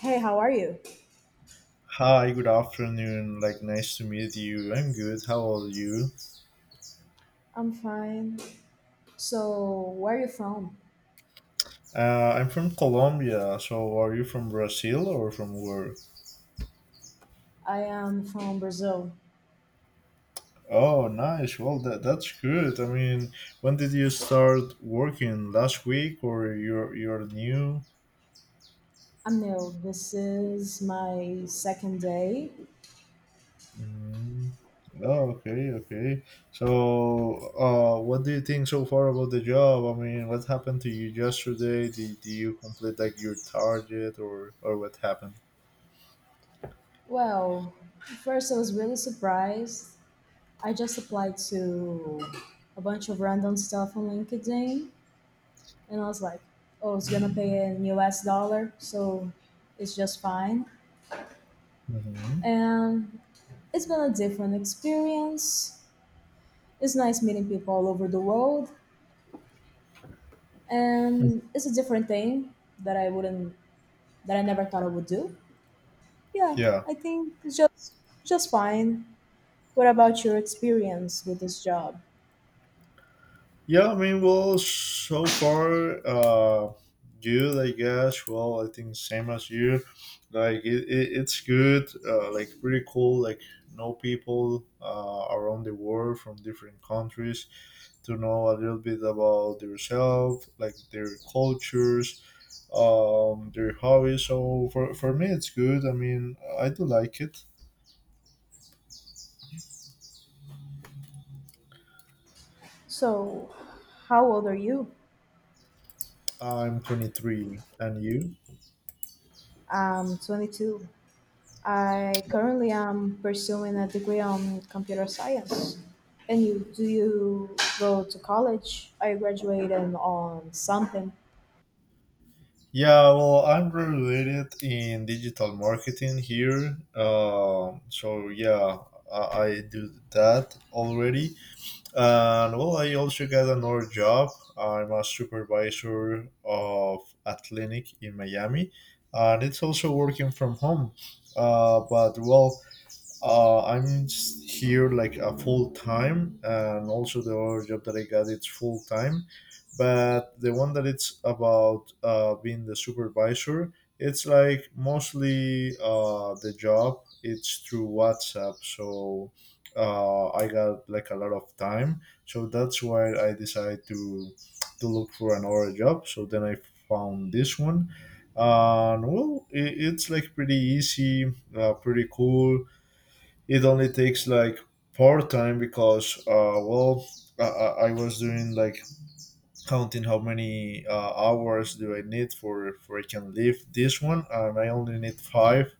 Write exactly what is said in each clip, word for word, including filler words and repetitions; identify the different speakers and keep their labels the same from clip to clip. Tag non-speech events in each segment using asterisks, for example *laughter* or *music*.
Speaker 1: Hey, how are you?
Speaker 2: Hi, good afternoon. Like, nice to meet you. I'm good. How are you?
Speaker 1: I'm fine. So, where are you from?
Speaker 2: Uh, I'm from Colombia. So, are you from Brazil or from where?
Speaker 1: I am from Brazil.
Speaker 2: Oh, nice. Well, that that's good. I mean, when did you start working? Last week, or you're you're new?
Speaker 1: I'm new. This is my second day.
Speaker 2: Mm. Oh, okay, okay. So, uh, what do you think so far about the job? I mean, what happened to you yesterday? Did, did you complete like your target, or or what happened?
Speaker 1: Well, first I was really surprised. I just applied to a bunch of random stuff on LinkedIn and I was like, oh, it's gonna pay in U S dollar, so it's just fine.
Speaker 2: Mm-hmm.
Speaker 1: And it's been a different experience. It's nice meeting people all over the world. And it's a different thing that I wouldn't that I never thought I would do. Yeah,
Speaker 2: Yeah.
Speaker 1: I think it's just just fine. What about your experience with this job?
Speaker 2: Yeah, I mean, well, so far, uh, good, I guess. Well, I think same as you. Like, it, it, it's good, uh, like, pretty cool. Like, know people uh, around the world from different countries to know a little bit about themselves, like, their cultures, um, their hobbies. So, for, for me, it's good. I mean, I do like it.
Speaker 1: So, how old are you?
Speaker 2: I'm twenty-three, and you?
Speaker 1: I'm twenty-two. I currently am pursuing a degree on computer science. And you do you go to college? I graduated on something.
Speaker 2: Yeah, well, I'm related in digital marketing here. Um, so yeah, I, I do that already, and well, I also got another job. I'm a supervisor of a clinic in Miami, and it's also working from home. Uh, but well, uh, I'm just here like a full time, and also the other job that I got it's full time, but the one that it's about uh, being the supervisor, it's like mostly uh, the job. It's through WhatsApp, so uh, I got like a lot of time. So that's why I decided to to look for another job. So then I found this one, and well, it, it's like pretty easy, uh, pretty cool. It only takes like part time because uh, well I, I I was doing like counting how many uh, hours do I need for for I can leave this one, and I only need five.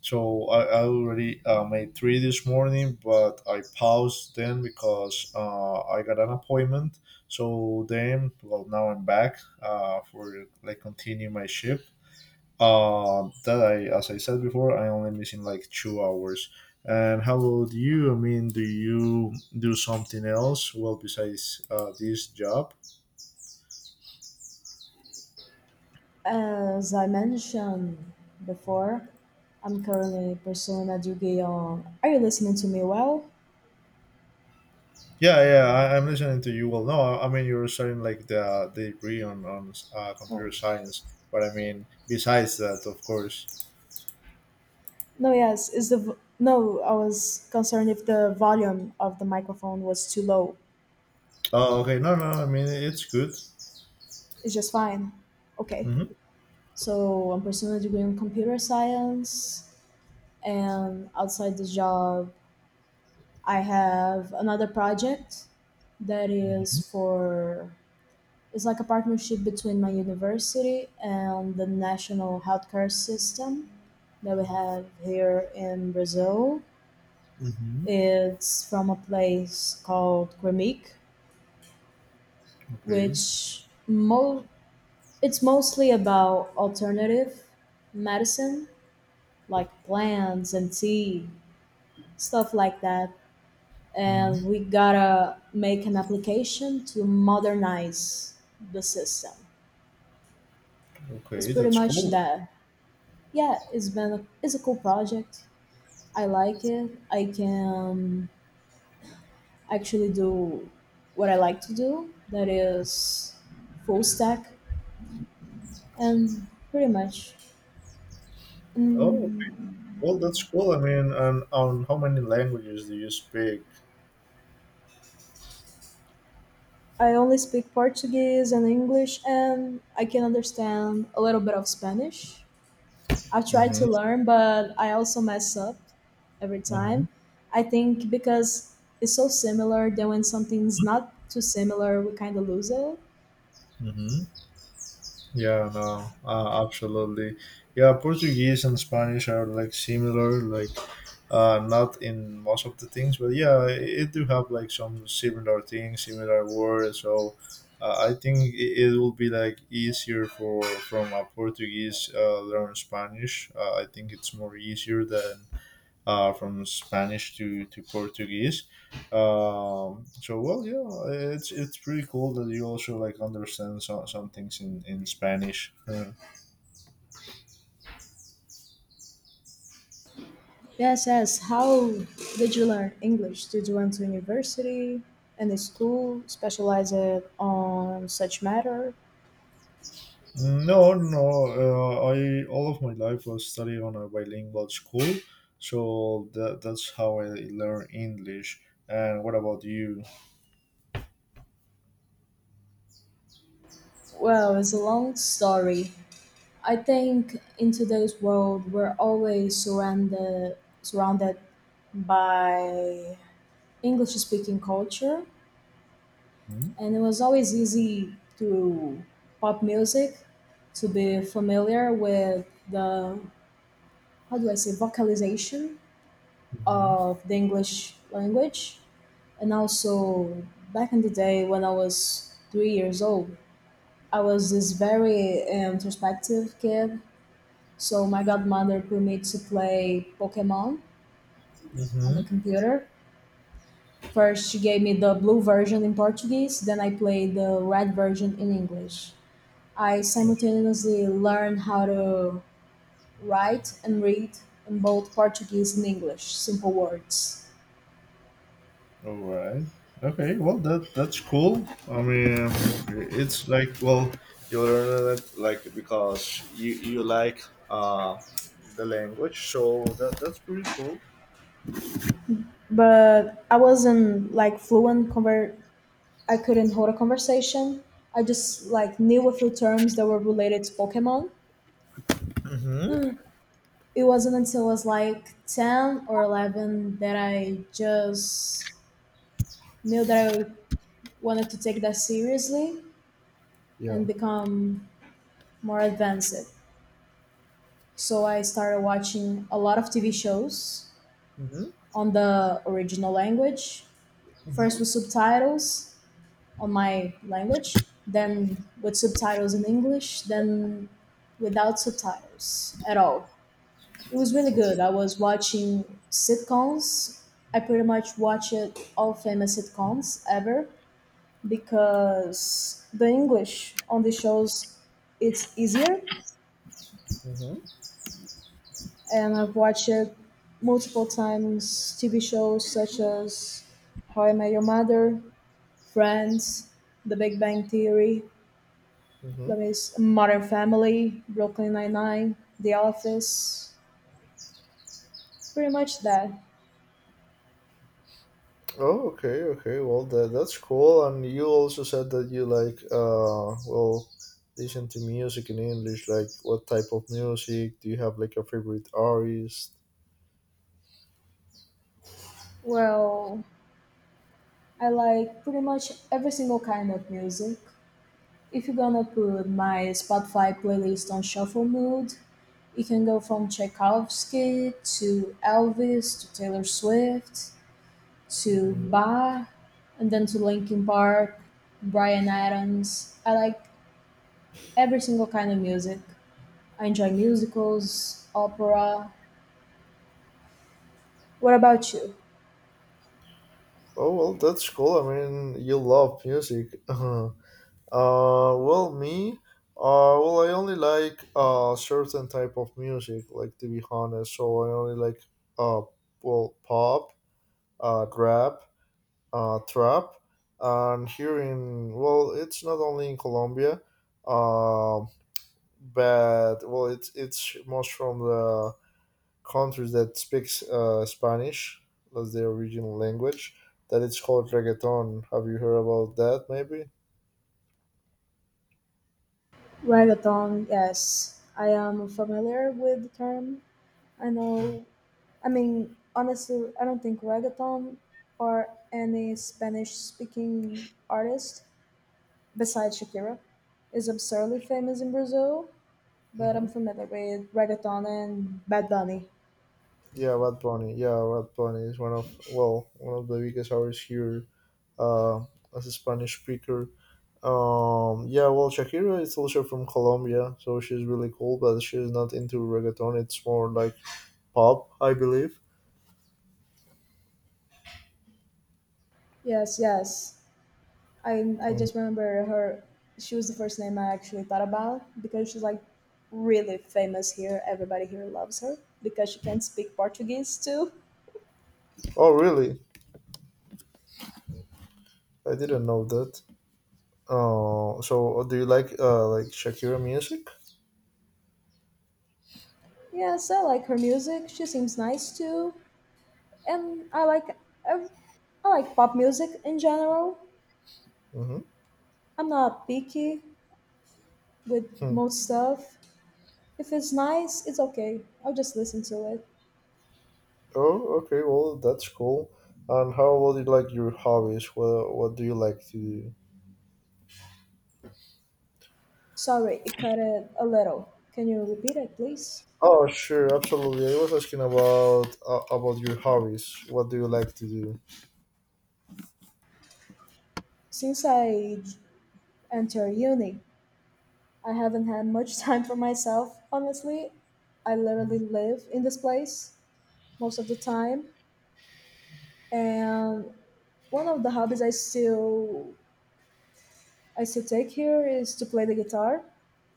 Speaker 2: So I, I already uh, made three this morning, but I paused then because uh, I got an appointment. So then well now I'm back uh, for like continue my shift uh, that I, as I said before, I only missing like two hours. And how about you? I mean, do you do something else well besides uh, this job?
Speaker 1: As I mentioned before, I'm currently pursuing a degree on. Are you listening to me well?
Speaker 2: Yeah, yeah, I, I'm listening to you. Well, no, I, I mean you're studying like the, the degree on on uh,
Speaker 1: Oh.
Speaker 2: computer science, but I mean besides that, of course.
Speaker 1: No, yes. Is the vo- no? I was concerned if the volume of the microphone was too low.
Speaker 2: Oh, okay. No, no, I mean it's good.
Speaker 1: It's just fine. Okay.
Speaker 2: Mm-hmm.
Speaker 1: So I'm pursuing a degree in computer science, and outside this job, I have another project that is
Speaker 2: Mm-hmm.
Speaker 1: for It's like a partnership between my university and the national healthcare system that we have here in Brazil.
Speaker 2: Mm-hmm.
Speaker 1: It's from a place called Gremic,
Speaker 2: Okay.
Speaker 1: which mo- it's mostly about alternative medicine, like plants and tea, stuff like that.
Speaker 2: Mm-hmm.
Speaker 1: And we gotta make an application to modernize the system. It's
Speaker 2: Okay,
Speaker 1: pretty
Speaker 2: that's
Speaker 1: much
Speaker 2: cool.
Speaker 1: that. Yeah, it's been a, it's a cool project. I like it. I can actually do what I like to do, that is full stack and pretty much.
Speaker 2: Oh,
Speaker 1: mm,
Speaker 2: well, that's cool. I mean, and on how many languages do you speak?
Speaker 1: I only speak Portuguese and English, and I can understand a little bit of Spanish. I try to
Speaker 2: Mm-hmm.
Speaker 1: learn but I also mess up every time.
Speaker 2: Mm-hmm.
Speaker 1: I think because it's so similar that when something's not too similar we kind of lose it.
Speaker 2: Mm-hmm. Yeah, no, uh, absolutely. Yeah, Portuguese and Spanish are like similar, like uh, not in most of the things, but yeah, it, it do have like some similar things, similar words. So uh, I think it, it will be like easier for from a Portuguese uh, learn Spanish. Uh, I think it's more easier than uh, from Spanish to, to Portuguese. Um, so well, yeah, it's it's pretty cool that you also like understand some, some things in in Spanish. Uh,
Speaker 1: Yes, yes. How did you learn English? Did you went to university and a school specialized on such matter?
Speaker 2: no, no, uh, I all of my life was studying on a bilingual school, so that that's how I learn English. And what about you?
Speaker 1: Well, it's a long story. I think in today's world, we're always surrounded surrounded by English-speaking culture,
Speaker 2: Hmm?
Speaker 1: and it was always easy to pop music to be familiar with the how do I say vocalization
Speaker 2: Mm-hmm.
Speaker 1: of the English language. And also, back in the day when I was three years old, I was this very um, introspective kid. So my godmother put me to play Pokemon on the
Speaker 2: Mm-hmm.
Speaker 1: computer. First, she gave me the blue version in Portuguese, then I played the red version in English. I simultaneously learned how to write and read in both Portuguese and English, simple words.
Speaker 2: All right. Okay. Well, that that's cool. I mean, it's like well, you learn it like because you you like uh the language, so that that's pretty cool.
Speaker 1: But I wasn't like fluent conver- I couldn't hold a conversation. I just like knew a few terms that were related to Pokemon.
Speaker 2: Mm-hmm.
Speaker 1: It wasn't until I was like ten or eleven that I just knew that I wanted to take that seriously
Speaker 2: Yeah.
Speaker 1: and become more advanced. So I started watching a lot of T V shows
Speaker 2: Mm-hmm.
Speaker 1: on the original language. First
Speaker 2: Mm-hmm.
Speaker 1: with subtitles on my language, then with subtitles in English, then without subtitles at all. It was really good.
Speaker 2: Okay.
Speaker 1: I was watching sitcoms. I pretty much watched all famous sitcoms ever because the English on the shows it's easier,
Speaker 2: Mm-hmm.
Speaker 1: and I've watched multiple times T V shows such as How I Met Your Mother, Friends, The Big Bang Theory, Let
Speaker 2: Mm-hmm.
Speaker 1: that is Modern Family, Brooklyn Nine-Nine, The Office, pretty much that.
Speaker 2: Oh, okay. Okay. Well, that that's cool. And you also said that you like uh well listen to music in English. Like, what type of music do you have? Like a favorite artist?
Speaker 1: Well, I like pretty much every single kind of music. If you're gonna put my Spotify playlist on shuffle mode, it can go from Tchaikovsky to Elvis to Taylor Swift to Bach and then to Linkin Park, Brian Adams. I like every single kind of music. I enjoy musicals, opera. What about you?
Speaker 2: Oh well, that's cool. I mean, you love music. *laughs* Uh, well, me, uh, well, I only like uh certain type of music. Like to be honest, so I only like uh, well, pop, uh, rap, uh, trap, and here in well, it's not only in Colombia, um, but well, it's it's most from the countries that speaks uh, Spanish, that's their original language. That it's called reggaeton. Have you heard about that? Maybe.
Speaker 1: Reggaeton, yes. I am familiar with the term. I know I mean, honestly, I don't think reggaeton or any Spanish speaking artist besides Shakira is absurdly famous in Brazil, but I'm
Speaker 2: Mm-hmm.
Speaker 1: familiar with reggaeton and Bad Bunny.
Speaker 2: Yeah, Bad Bunny. Yeah, Bad Bunny is one of well one of the biggest artists here uh, as a Spanish speaker. Um, yeah, well, Shakira is also from Colombia, so she's really cool, but she's not into reggaeton. It's more like pop, I believe.
Speaker 1: Yes, yes. I, I
Speaker 2: Mm.
Speaker 1: just remember her. She was the first name I actually thought about because she's like really famous here. Everybody here loves her because she can speak Portuguese too.
Speaker 2: Oh, really? I didn't know that. Uh, so uh, do you like uh, like Shakira music?
Speaker 1: Yes, I like her music. She seems nice too. And I like ev- I like pop music in general.
Speaker 2: Mm-hmm.
Speaker 1: I'm not picky with
Speaker 2: Hmm.
Speaker 1: most stuff. If it's nice, it's okay. I'll just listen to it.
Speaker 2: Oh, okay. Well, that's cool. And how about you like your hobbies? What What do you like to do?
Speaker 1: Sorry, it cut it a little. Can you repeat it, please?
Speaker 2: Oh, sure, absolutely. I was asking about uh, about your hobbies. What do you like to do?
Speaker 1: Since I j- entered uni, I haven't had much *laughs* time for myself. Honestly, I literally
Speaker 2: Mhm.
Speaker 1: live in this place most of the time, and one of the hobbies I still I still take here is to play the guitar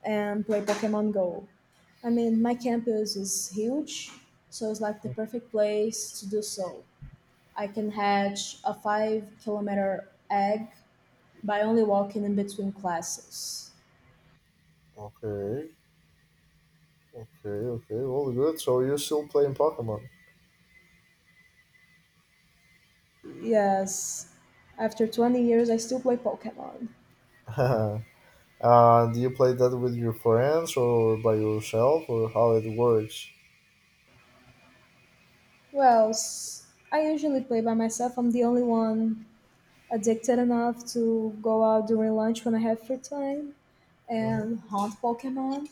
Speaker 1: and play Pokemon Go. I mean, my campus is huge, so it's like the perfect place to do so. I can hatch a five kilometer egg by only walking in between classes.
Speaker 2: Okay, okay, okay. Well, good. So you're still playing Pokemon.
Speaker 1: Yes, after twenty years, I still play Pokemon.
Speaker 2: *laughs* uh, do you play that with your friends or by yourself, or how it works?
Speaker 1: Well, s- I usually play by myself. I'm the only one addicted enough to go out during lunch when I have free time
Speaker 2: Mm-hmm.
Speaker 1: and hunt Pokemon.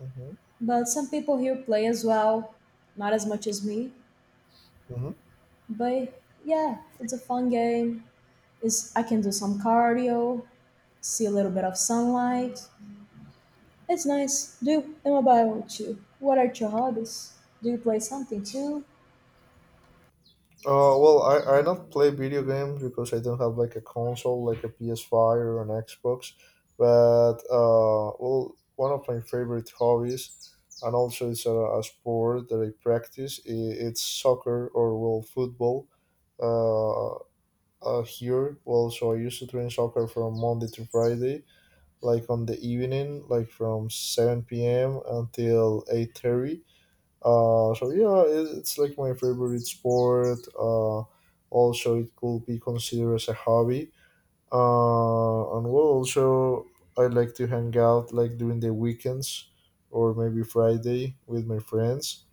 Speaker 2: Mm-hmm.
Speaker 1: But some people here play as well, not as much as me.
Speaker 2: Mm-hmm.
Speaker 1: But yeah, it's a fun game. It's, I can do some cardio, see a little bit of sunlight. It's nice. Do you, and what about you? What are your hobbies? Do you play something too?
Speaker 2: Uh, well, I, I don't play video games because I don't have like a console, like a P S five or an Xbox. But uh, well, one of my favorite hobbies, and also it's a, a sport that I practice. i- It's soccer or well football. Uh, uh, here, well, so I used to train soccer from Monday to Friday, like on the evening, like from seven p m until eight thirty, uh, so yeah, it, it's like my favorite sport. Uh, also, it could be considered as a hobby. Uh, and well, also I like to hang out like during the weekends or maybe Friday with my friends.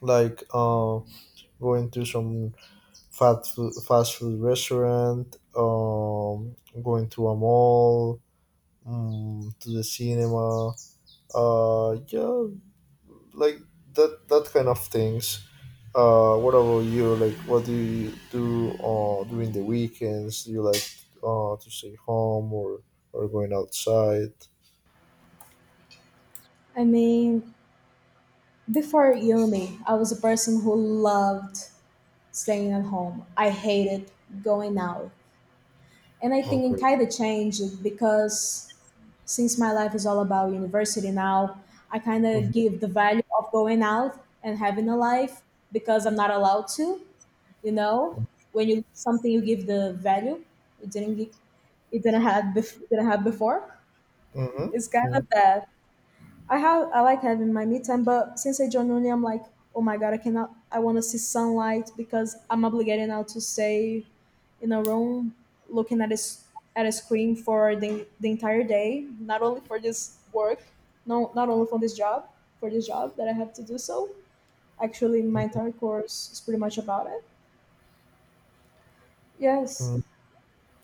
Speaker 2: Like uh, going to some fat food, fast food restaurant, um, going to a mall, mm, to the cinema. Uh, yeah, like that that kind of things. Uh what about you, like what do you do uh during the weekends? Do you like uh to stay home, or or going outside?
Speaker 1: I mean, before uni, I was a person who loved staying at home. I hated going out, and I think it
Speaker 2: Okay.
Speaker 1: kind of changed because since my life is all about university now, I kind of
Speaker 2: Mm-hmm.
Speaker 1: give the value of going out and having a life because I'm not allowed to, you know. When you something, you give the value. It didn't. gi- It didn't have. bef- Didn't have before.
Speaker 2: Mm-hmm.
Speaker 1: It's kind of that. I have I like having my me time, but since I joined uni, I'm like, oh my god, I cannot. I want to see sunlight because I'm obligated now to stay in a room looking at a s- at a screen for the, the entire day, not only for this work, no, not only for this job, for this job that I have to do. So actually, my entire course is pretty much about it. Yes.
Speaker 2: Mm-hmm.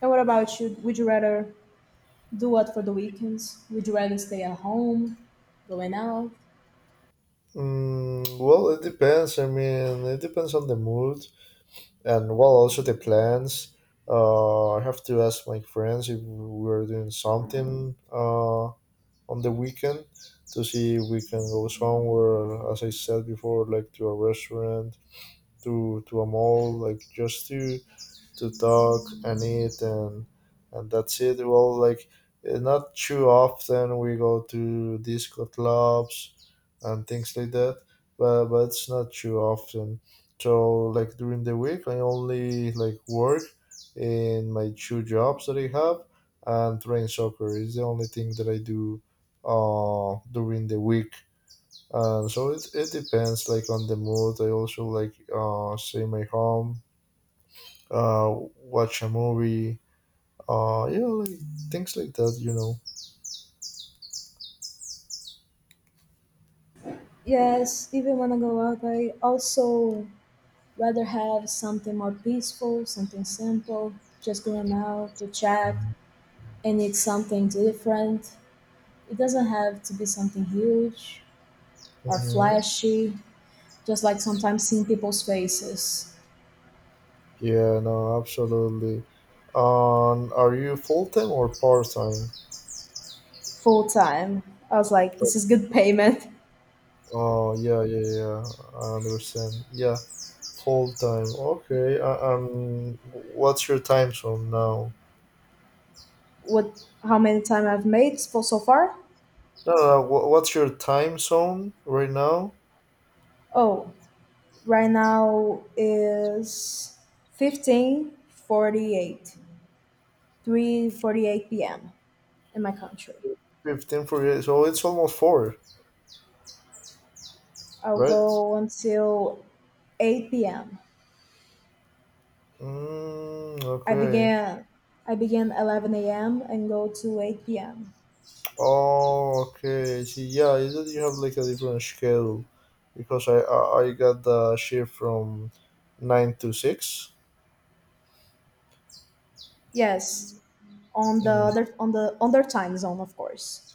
Speaker 1: And what about you? Would you rather do what for the weekends? Would you rather stay at home, going out?
Speaker 2: Mm, well it depends, I mean it depends on the mood, and well also the plans. uh I have to ask my friends if we're doing something uh on the weekend, to see if we can go somewhere, as I said before, like to a restaurant, to to a mall, like just to to talk and eat, and and that's it. Well, like eh, not too often we go to disco clubs and things like that, but but it's not too often. So like during the week, I only like work in my two jobs that I have, and train soccer is the only thing that I do uh during the week. And so it, it depends like on the mood. I also like uh stay in my home, uh, watch a movie, uh, yeah, like things like that, you know.
Speaker 1: Yes, even when I go out, I also rather have something more peaceful, something simple, just going out to chat and eat something different. It doesn't have to be something huge or
Speaker 2: Hmm.
Speaker 1: flashy, just like sometimes seeing people's faces.
Speaker 2: Yeah, no, absolutely. Um, are you full time or part time?
Speaker 1: Full time. I was like, this is good *laughs* payment.
Speaker 2: Oh, yeah, yeah, yeah. I understand. Yeah, full time. Okay. I, um, what's your time zone now?
Speaker 1: What, how many time I've made for so far?
Speaker 2: No, no. No, wh- what's your time zone right now?
Speaker 1: Oh, right now is fifteen forty-eight. three forty-eight p m in my country.
Speaker 2: Fifteen for you. So it's almost four,
Speaker 1: I'll
Speaker 2: right?
Speaker 1: go until eight p m.
Speaker 2: Mm,
Speaker 1: I
Speaker 2: okay.
Speaker 1: began I began eleven a m and go to eight p m.
Speaker 2: Oh, okay. See, yeah, is it you have like a different schedule? Because I I, I got the shift from nine to six.
Speaker 1: Yes, on the
Speaker 2: Mm,
Speaker 1: other on the on their time zone, of course.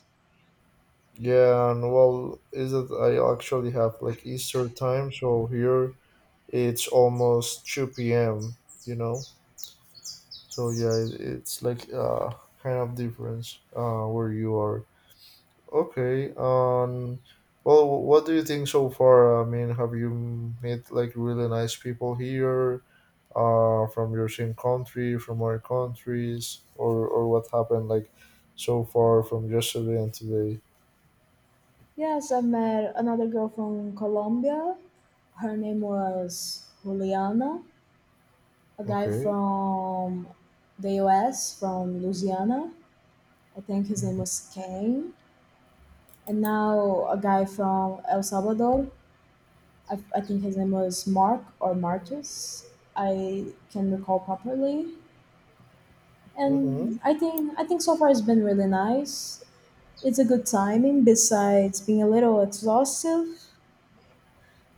Speaker 2: yeah, and well, is it I actually have like Easter time, so here it's almost two p m. You know, so yeah, it, it's like uh kind of difference uh where you are. Okay. Um. Well, what do you think so far? I mean, have you met like really nice people here, uh, from your same country, from other countries, or or what happened like so far from yesterday and today?
Speaker 1: Yes, I met another girl from Colombia. Her name was Juliana. A guy
Speaker 2: Okay.
Speaker 1: from the U S from Louisiana. I think his name
Speaker 2: Mm-hmm.
Speaker 1: was Kane. And now a guy from El Salvador. I, I think his name was Mark or Marcus. I can recall properly,
Speaker 2: Mm-hmm.
Speaker 1: and I think I think so far it's been really nice. It's a good timing. Besides being a little exhaustive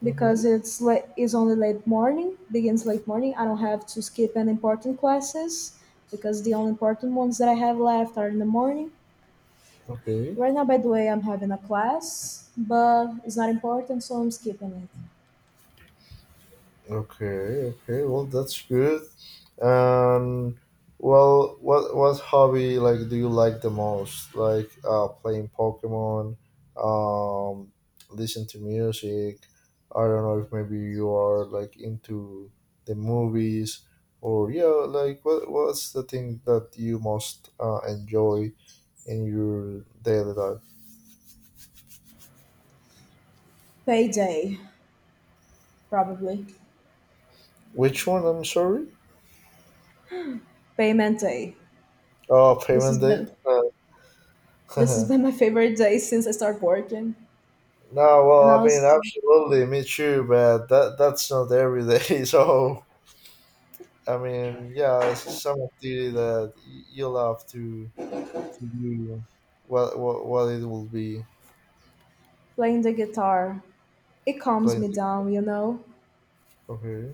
Speaker 1: because
Speaker 2: Mm-hmm.
Speaker 1: it's late, it's only late morning, begins late morning. I don't have to skip any important classes because the only important ones that I have left are in the morning.
Speaker 2: Okay.
Speaker 1: Right now, by the way, I'm having a class, but it's not important, so I'm skipping it.
Speaker 2: Okay, okay. Well, that's good. And well, what what hobby like do you like the most? Like uh, playing Pokemon, um, listen to music. I don't know if maybe you are like into the movies, or yeah, like what what's the thing that you most uh, enjoy in your daily life?
Speaker 1: Payday, probably.
Speaker 2: Which one? I'm sorry.
Speaker 1: Payment day.
Speaker 2: Oh,
Speaker 1: This has
Speaker 2: payment
Speaker 1: been
Speaker 2: date.
Speaker 1: this has been
Speaker 2: *laughs*
Speaker 1: my favorite day since I started working.
Speaker 2: No,
Speaker 1: And
Speaker 2: well,
Speaker 1: I
Speaker 2: I mean,
Speaker 1: was
Speaker 2: absolutely, me too, but that that's not every day. *laughs* So, I mean, yeah, it's some activity that y- you'll have to to do, what what, what it will be
Speaker 1: playing the guitar. It calms
Speaker 2: playing.
Speaker 1: me
Speaker 2: The,
Speaker 1: down, you know?
Speaker 2: okay,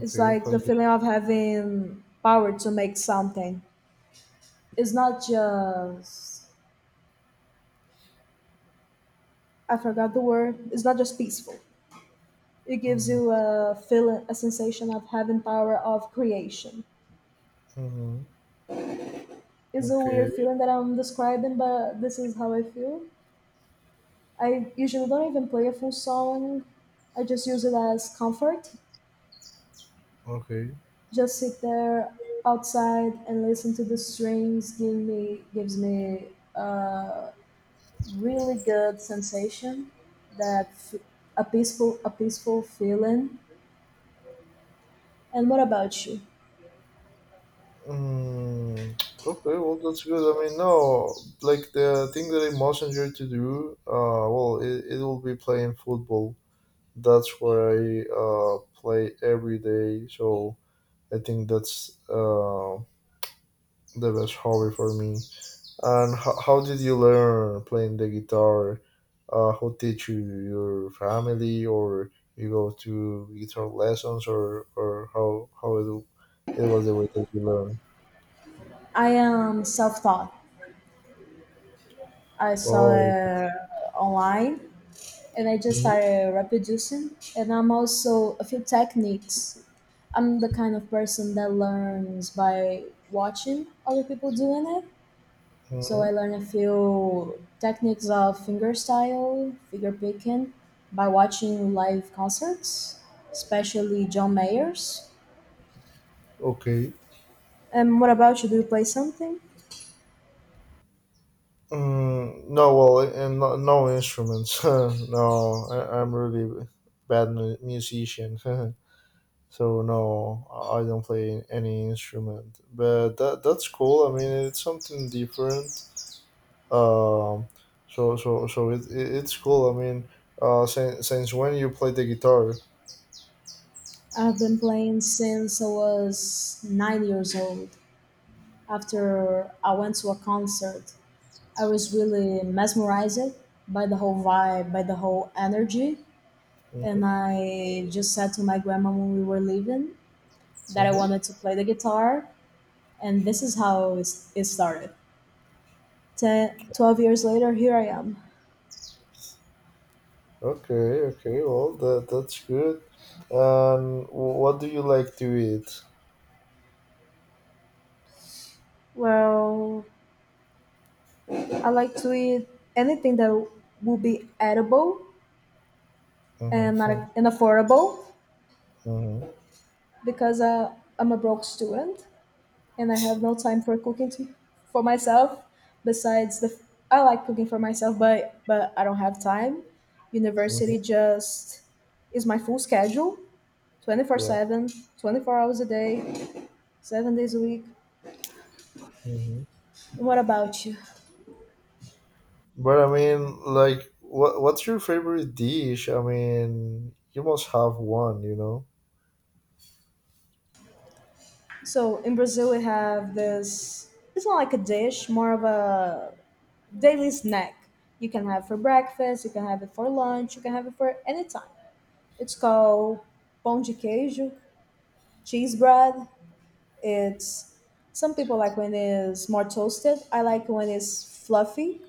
Speaker 1: It's like the
Speaker 2: playing. The,
Speaker 1: feeling of having power to make something. It's not just, I forgot the word. It's not just peaceful. It gives
Speaker 2: mm,
Speaker 1: you a feeling a sensation of having power of creation.
Speaker 2: mhm,
Speaker 1: It's a
Speaker 2: okay,
Speaker 1: weird feeling that I'm describing, but this is how I feel. I usually don't even play a full song. I just use it as comfort,
Speaker 2: okay,
Speaker 1: just sit there outside and listen to the strings give me gives me a really good sensation, that f- a peaceful a peaceful feeling. And what about you?
Speaker 2: mm, okay. Well, that's good. I mean, no, like the thing that I most enjoy to do, uh, well, it, it will be playing football. That's what I uh, play every day. So I think that's uh, the best hobby for me. And ho- how did you learn playing the guitar? Uh, who teach you? Your family, or you go to guitar lessons, or or how how it, it was the way that you learn?
Speaker 1: I am self-taught. I saw
Speaker 2: Oh,
Speaker 1: it online and I just
Speaker 2: mhm,
Speaker 1: started reproducing and I'm also a few techniques. I'm the kind of person that learns by watching other people doing it. So
Speaker 2: mhm,
Speaker 1: I learned a few techniques of fingerstyle, finger picking, by watching live concerts, especially John Mayer's.
Speaker 2: okay.
Speaker 1: And what about you? Do you play something?
Speaker 2: Mm, no, well, and no, no instruments. *laughs* No, I, I'm really bad mu- musician. *laughs* So no, I I don't play any instrument, but that that's cool. I mean, it's something different. Um, so so so it, it it's cool. I mean, uh, since since when you play the guitar?
Speaker 1: I've been playing since I was nine years old. After I went to a concert, I was really mesmerized by the whole vibe, by the whole energy. And
Speaker 2: Mm-hmm,
Speaker 1: I just said to my grandma when we were leaving that I wanted
Speaker 2: mm-hmm.
Speaker 1: to play the guitar. And this is how it it started. ten twelve years later, here I am.
Speaker 2: Okay, okay. Well, that that's good. And wh- what do you like to eat?
Speaker 1: Well, I like to eat anything that will be edible and not
Speaker 2: Mm-hmm,
Speaker 1: and affordable
Speaker 2: *laughs* mm-hmm,
Speaker 1: because uh, I'm a broke student and I have no time for cooking to, for myself. Besides the, I like cooking for myself, but but I don't have time. University
Speaker 2: mm-hmm.
Speaker 1: just is my full schedule, twenty-four
Speaker 2: Yeah.
Speaker 1: seven, twenty four hours a day, seven days a week.
Speaker 2: Mm-hmm.
Speaker 1: What about you?
Speaker 2: But I mean, like, what what's your favorite dish? I mean, you must have one, you know.
Speaker 1: So in Brazil, we have this. It's not like a dish, more of a daily snack. You can have for breakfast, you can have it for lunch, you can have it for any time. It's called pão de queijo, cheese bread. It's Some people like when it's more toasted. I like when it's fluffy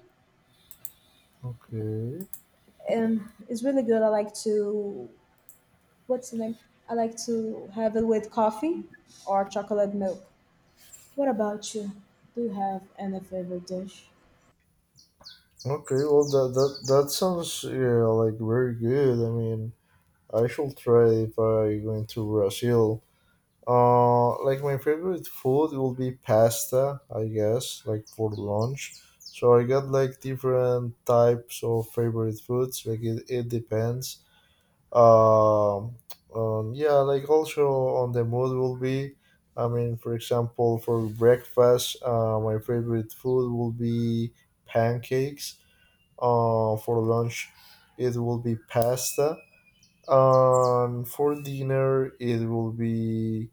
Speaker 2: Okay.
Speaker 1: and it's really good. I like to What's the name? I like to have it with coffee or chocolate milk. What about you? Do you have any favorite dish?
Speaker 2: Okay. Well, that that that sounds, yeah, like very good. I mean, I shall try if I going to Brazil. Uh, like my favorite food will be pasta, I guess, like for lunch. So I got like different types of favorite foods. Like it, it depends. Um, um, yeah, like also on the mood will be. I mean, for example, for breakfast, uh, my favorite food will be pancakes. Uh, for lunch, it will be pasta, and for dinner, it will be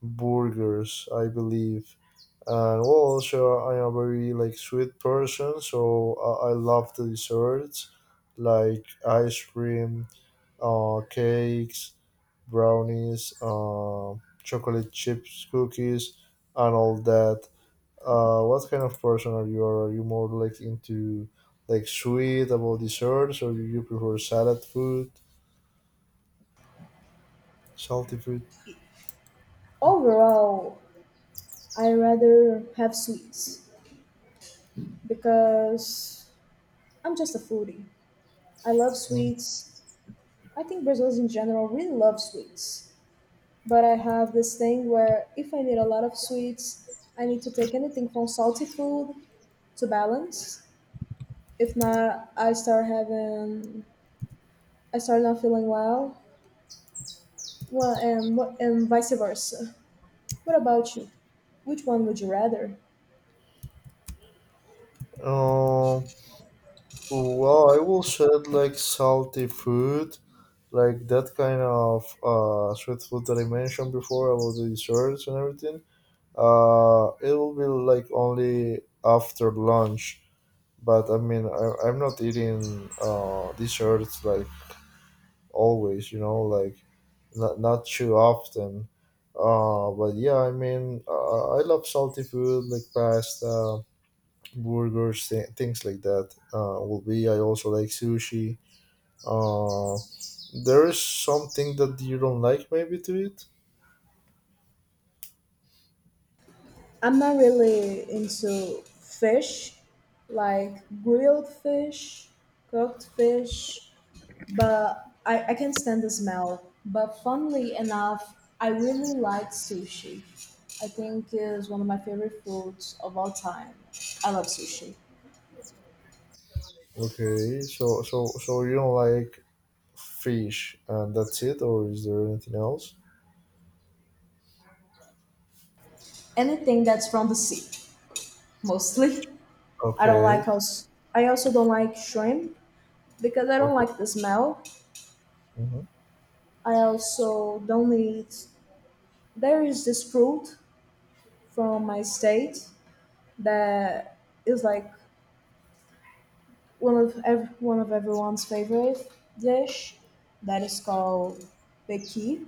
Speaker 2: burgers, I believe. And well, also, I am a very like sweet person, so I, I love the desserts like ice cream, uh, cakes, brownies, uh, chocolate chips, cookies, and all that. Uh, what kind of person are you? Are you more like into like sweet about desserts, or do you prefer salad food, salty food?
Speaker 1: Overall, I rather have sweets because I'm just a foodie. I love
Speaker 2: Mm.
Speaker 1: sweets. I think Brazilians in general really love sweets. But I have this thing where if I need a lot of sweets, I need to take anything from salty food to balance. If not, I start having, I start not feeling well. Well, and what and vice versa. What about you? Which one would you rather?
Speaker 2: Um, well, I will said like salty food, like that kind of uh sweet food that I mentioned before about the desserts and everything. Uh, it will be like only after lunch. But I mean, I, I'm not eating uh desserts like always, you know, like not, not too often. Uh, but yeah, I mean, uh, I love salty food like pasta, burgers, th- things like that. Uh, will be. I also like sushi. Uh, there is something that you don't like maybe to it.
Speaker 1: I'm not really into fish, like grilled fish, cooked fish, but I, I can stand the smell. But funnily enough, I really like sushi. I think is one of my favorite foods of all time. I love sushi.
Speaker 2: Okay, so so so you don't like fish, and that's it, or is there anything else?
Speaker 1: Anything that's from the sea, mostly. I don't like
Speaker 2: Okay,
Speaker 1: also. I also don't like shrimp because I don't
Speaker 2: okay.
Speaker 1: like the smell.
Speaker 2: Mm-hmm.
Speaker 1: I also don't eat. There is this fruit from my state that is like one of ev- one of everyone's favorite dish that is called beki,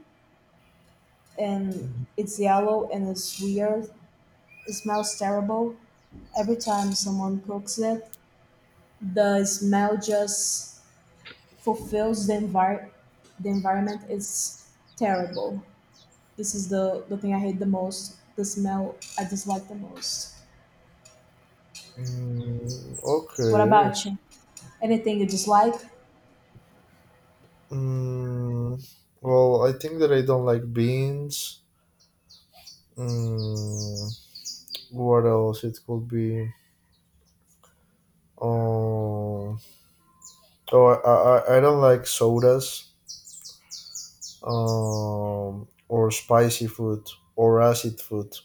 Speaker 1: and it's yellow and it's weird. It smells terrible. Every time someone cooks it, the smell just fulfills the envir- the environment is terrible. This is the, the thing I hate the most, the smell I dislike the most.
Speaker 2: Mm,
Speaker 1: What
Speaker 2: okay.
Speaker 1: about you? Anything you dislike?
Speaker 2: Mm, well, I think that I don't like beans. Mm, what else? It could be. Um, oh, I, I, I don't like sodas. Um, or spicy food or acid food.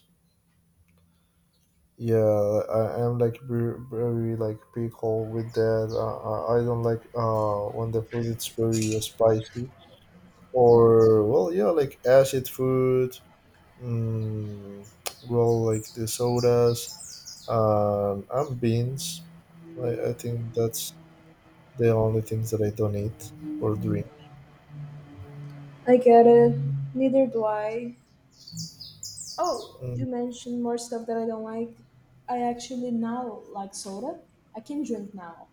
Speaker 2: Yeah, I am like very, very like pickle with that. Uh, I I don't like uh when the food is very uh, spicy or well, yeah, like acid food. Mm, well, like the sodas. Um, and beans. I, I think that's the only things that I don't eat or drink.
Speaker 1: I get it. Neither do I. Oh, you mentioned more stuff that I don't like. I actually now like soda. I can drink now.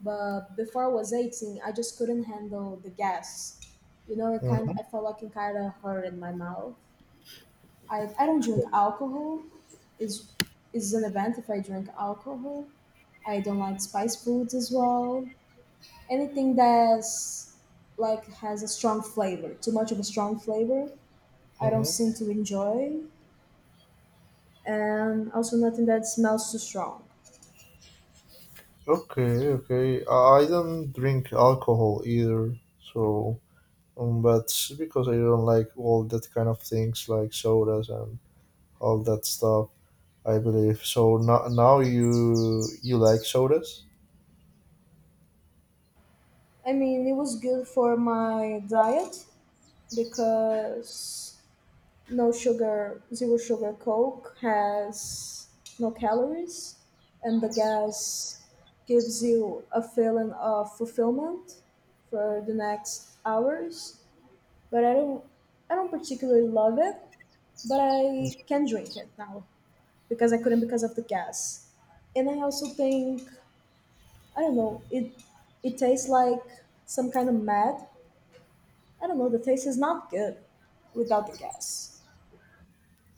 Speaker 1: But before I was eighteen, I just couldn't handle the gas. You know, it kind
Speaker 2: Mm-hmm.
Speaker 1: I felt like it kind of hurt in my mouth. I, I don't drink alcohol. Is is an event if I drink alcohol. I don't like spice foods as well. Anything that's like has a strong flavor, too much of a strong flavor, I don't
Speaker 2: Hmm.
Speaker 1: seem to enjoy, and also nothing that smells too strong.
Speaker 2: Okay, okay. I I don't drink alcohol either, so um, but it's because I don't like all that kind of things like sodas and all that stuff. I believe so. Now, now you you like sodas?
Speaker 1: I mean, it was good for my diet because no sugar, zero sugar Coke has no calories, and the gas gives you a feeling of fulfillment for the next hours. But I don't, I don't particularly love it, but I can drink it now because I couldn't because of the gas. And I also think I don't know. It it tastes like some kind of mad. I don't know. The taste is not good without the gas.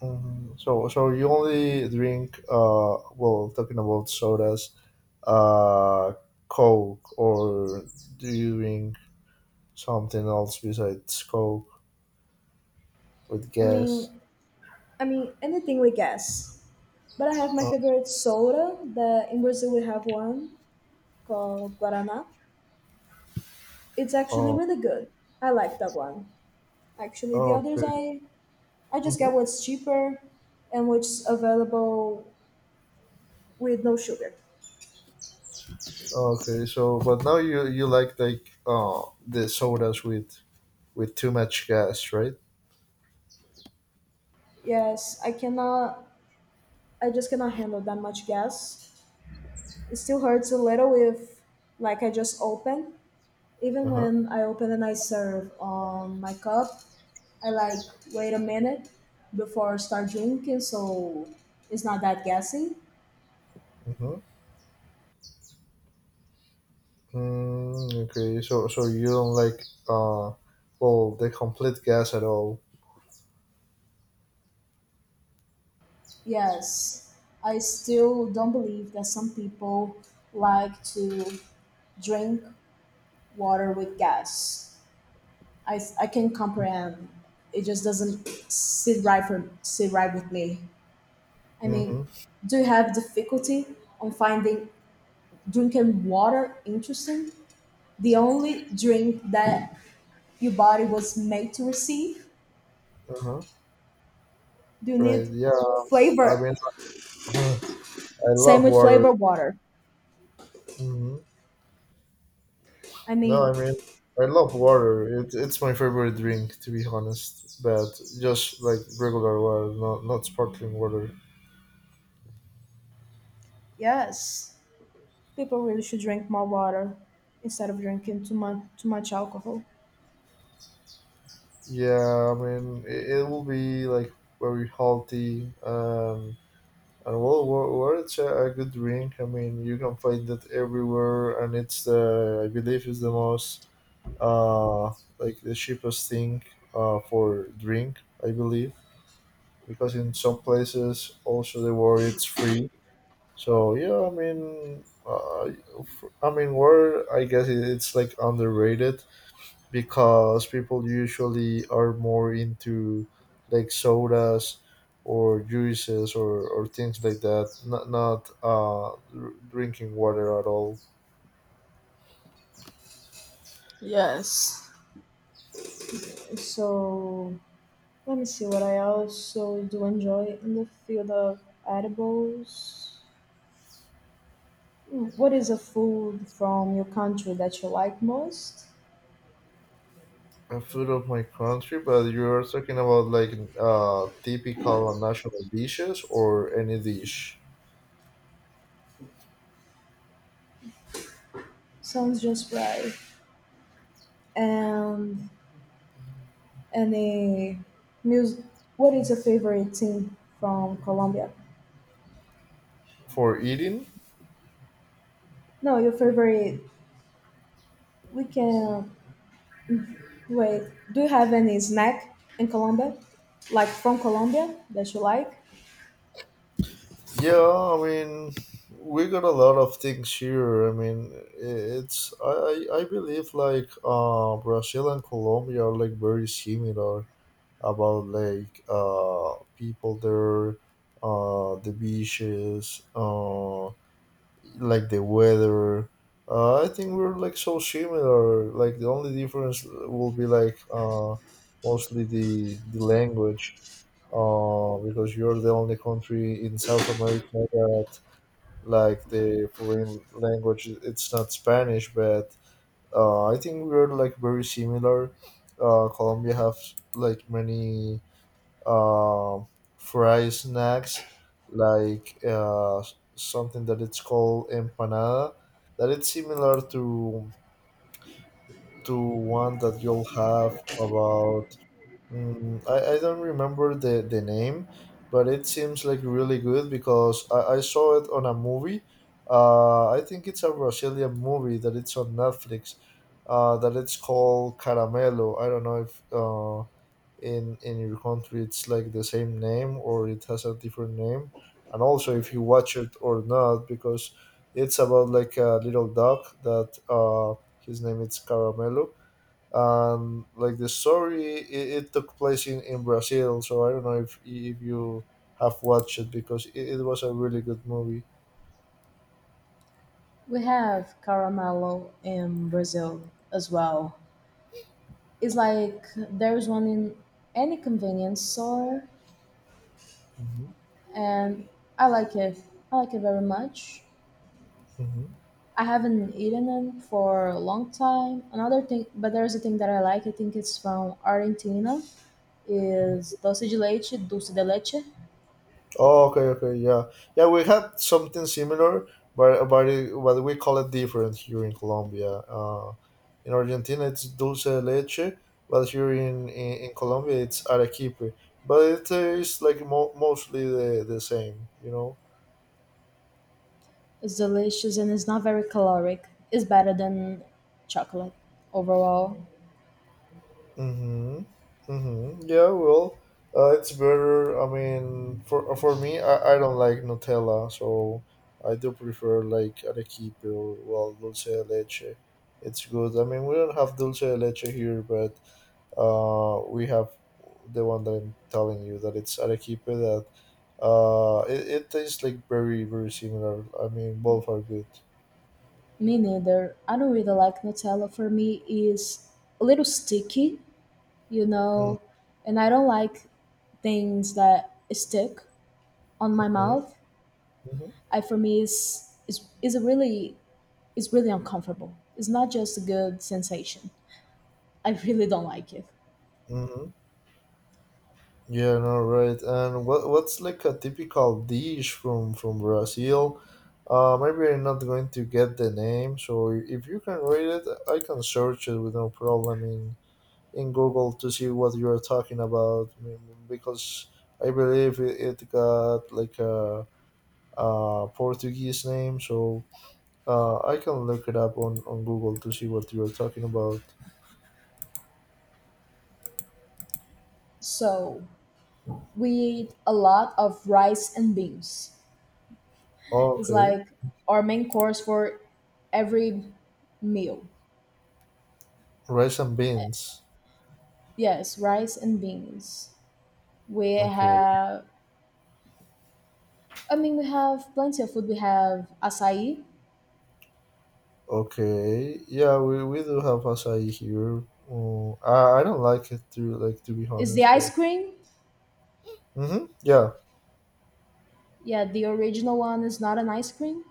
Speaker 2: Mhm. So, so you only drink, uh, well, talking about sodas, uh, Coke, or do you drink something else besides Coke with
Speaker 1: I
Speaker 2: gas?
Speaker 1: mean, I mean anything with gas. But I have my favorite soda. That in Brazil we have one called Guaraná. It's actually
Speaker 2: Oh,
Speaker 1: really good. I like that one. Actually, the
Speaker 2: oh,
Speaker 1: others
Speaker 2: okay.
Speaker 1: I I just
Speaker 2: Hmm.
Speaker 1: get what's cheaper and what's available with no sugar.
Speaker 2: Okay. So, but now you you like like uh the sodas with with too much gas, right?
Speaker 1: Yes, I cannot. I just cannot handle that much gas. It still hurts a little if, like, I just open. Even
Speaker 2: Uh huh.
Speaker 1: when I open and I serve on my cup, I like wait a minute before I start drinking, so it's not that gassy.
Speaker 2: Mm-hmm. Mm, okay. So, so you don't like uh, well, the complete gas at all.
Speaker 1: Yes, I still don't believe that some people like to drink water with gas. I, I can comprehend. It just doesn't sit right for sit right with me. I mean,
Speaker 2: Mm-hmm.
Speaker 1: do you have difficulty on finding drinking water interesting. The only drink that your body was made to receive.
Speaker 2: Uh-huh.
Speaker 1: You
Speaker 2: Right.
Speaker 1: need
Speaker 2: Yeah. I
Speaker 1: flavor.
Speaker 2: mean, *sighs* *laughs* I
Speaker 1: Same
Speaker 2: love
Speaker 1: with
Speaker 2: water.
Speaker 1: flavor water.
Speaker 2: Hmm.
Speaker 1: I
Speaker 2: No,
Speaker 1: mean,
Speaker 2: I mean, I love water. It, it's my favorite drink, to be honest. But just like regular water, not not sparkling water.
Speaker 1: yes, people really should drink more water instead of drinking too much too much alcohol.
Speaker 2: Yeah. I mean, it, it will be like very healthy. Um, and well, wa- water is a, a good drink. I mean, you can find it everywhere, and it's the I believe is the most uh like the cheapest thing uh for drink. I believe. Because in some places also the word it's free. So yeah, I mean, uh, f- I mean, word I guess it- it's like underrated because people usually are more into like sodas or juices or, or things like that, not not uh, dr- drinking water at all.
Speaker 1: Yes. So let me see what I also do enjoy in the field of edibles. Hmm, what is a food from your country that you like most?
Speaker 2: A food of my country, but you're talking about like uh, typical and national dishes or any dish
Speaker 1: Sounds just right. and and a music. What is your favorite team from Colombia?
Speaker 2: for eating.
Speaker 1: No, your favorite. We can wait. Do you have any snack in Colombia, like from Colombia that you like?
Speaker 2: Yeah, I mean, we got a lot of things here. I mean, it's I I I believe like uh Brazil and Colombia are like very similar about like uh people there, uh the beaches, uh like the weather. Uh, I think we're like so similar. Like the only difference will be like uh mostly the the language. Uh, because you're the only country in South America that like the foreign language it's not Spanish, but uh, I think we're like very similar. Uh, colombia have like many uh, fry snacks like uh, something that it's called empanada, that it's similar to to one that you'll have about. Mm, I, I don't remember the, the name, but it seems like really good because I, I saw it on a movie. Uh, I think it's a Brazilian movie that it's on Netflix. Uh, that it's called Caramelo. I don't know if uh, in in your country it's like the same name or it has a different name, and also if you watch it or not because it's about like a little dog that uh, his name is Caramelo, and like the story it, it took place in, in Brazil, so I don't know if if you have watched it because it, it was a really good movie.
Speaker 1: We have caramelo in Brazil as well. It's like there's one in any convenience store,
Speaker 2: Hmm.
Speaker 1: and I like it. I like it very much.
Speaker 2: Hmm.
Speaker 1: I haven't eaten them for a long time. Another thing, but there's a thing that I like. I think it's from Argentina. Is
Speaker 2: Hmm.
Speaker 1: dulce de leche, dulce de leche.
Speaker 2: Oh, okay, okay, yeah. Yeah, we had something similar, but but, it, but we call it different here in Colombia. uh, in Argentina it's dulce de leche, but here in, in, in Colombia it's arequipe, but it is like mo- mostly the, the same, you know.
Speaker 1: It's delicious and it's not very caloric. It's better than chocolate overall.
Speaker 2: Mm-hmm. Mm-hmm. Yeah, well, uh, it's better. I mean, for uh, for me, I, I don't like Nutella, so I do prefer like arequipe or well dulce de leche. It's good. I mean, we don't have dulce de leche here, but uh, we have the one that I'm telling you that it's arequipe that uh, it, it tastes like very very similar. I mean, both are good.
Speaker 1: Me neither. I don't really like Nutella. For me, is a little sticky, you
Speaker 2: Mm,
Speaker 1: know, and I don't like things that stick on my
Speaker 2: okay.
Speaker 1: mouth.
Speaker 2: Mm-hmm.
Speaker 1: I For me is is is a really. It's really uncomfortable. It's not just a good sensation. I really don't like it.
Speaker 2: Mm-hmm. Yeah, no, right. And what what's like a typical dish from from Brazil? Uh, maybe I'm not going to get the name, so if you can read it, I can search it with no problem in in Google to see what you are talking about. I mean, because I believe it, it got like a, a Portuguese name, so uh, I can look it up on on Google to see what you are talking about.
Speaker 1: So we eat a lot of rice and beans. It's
Speaker 2: Okay,
Speaker 1: like our main course for every meal.
Speaker 2: rice and beans.
Speaker 1: Yes, rice and beans. We
Speaker 2: Okay.
Speaker 1: have, I mean, we have plenty of food. We have acai.
Speaker 2: Okay, yeah, we, we do have acai here. Mm, I, I don't like it to like to be
Speaker 1: Is the
Speaker 2: honest,
Speaker 1: ice
Speaker 2: but
Speaker 1: cream?
Speaker 2: mm-hmm, yeah.
Speaker 1: Yeah, the original one is not an ice cream.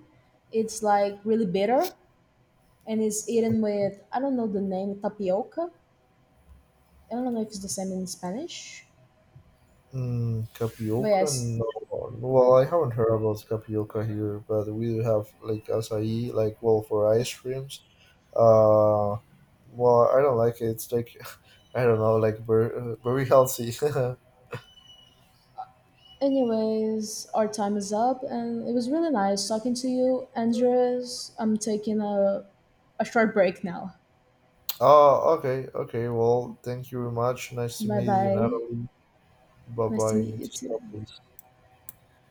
Speaker 1: It's like really bitter and it's eaten with, I don't know the name, tapioca. I don't know if it's the same in Spanish,
Speaker 2: Mm,
Speaker 1: but
Speaker 2: tapioca?
Speaker 1: yes.
Speaker 2: No, well, I haven't heard about tapioca here, but we do have like acai, like well for ice creams. Uh, well, I don't like it. It's like *laughs* I don't know, like very, very healthy.
Speaker 1: Anyways, our time is up, and it was really nice talking to you, Andres. I'm taking a a short break now.
Speaker 2: *laughs* Oh, okay, okay. Well, thank you very much. Nice to
Speaker 1: Bye
Speaker 2: meet you,
Speaker 1: bye.
Speaker 2: Natalie. Bye
Speaker 1: Nice to
Speaker 2: bye. I
Speaker 1: meet
Speaker 2: need
Speaker 1: you
Speaker 2: to
Speaker 1: too.
Speaker 2: stop this.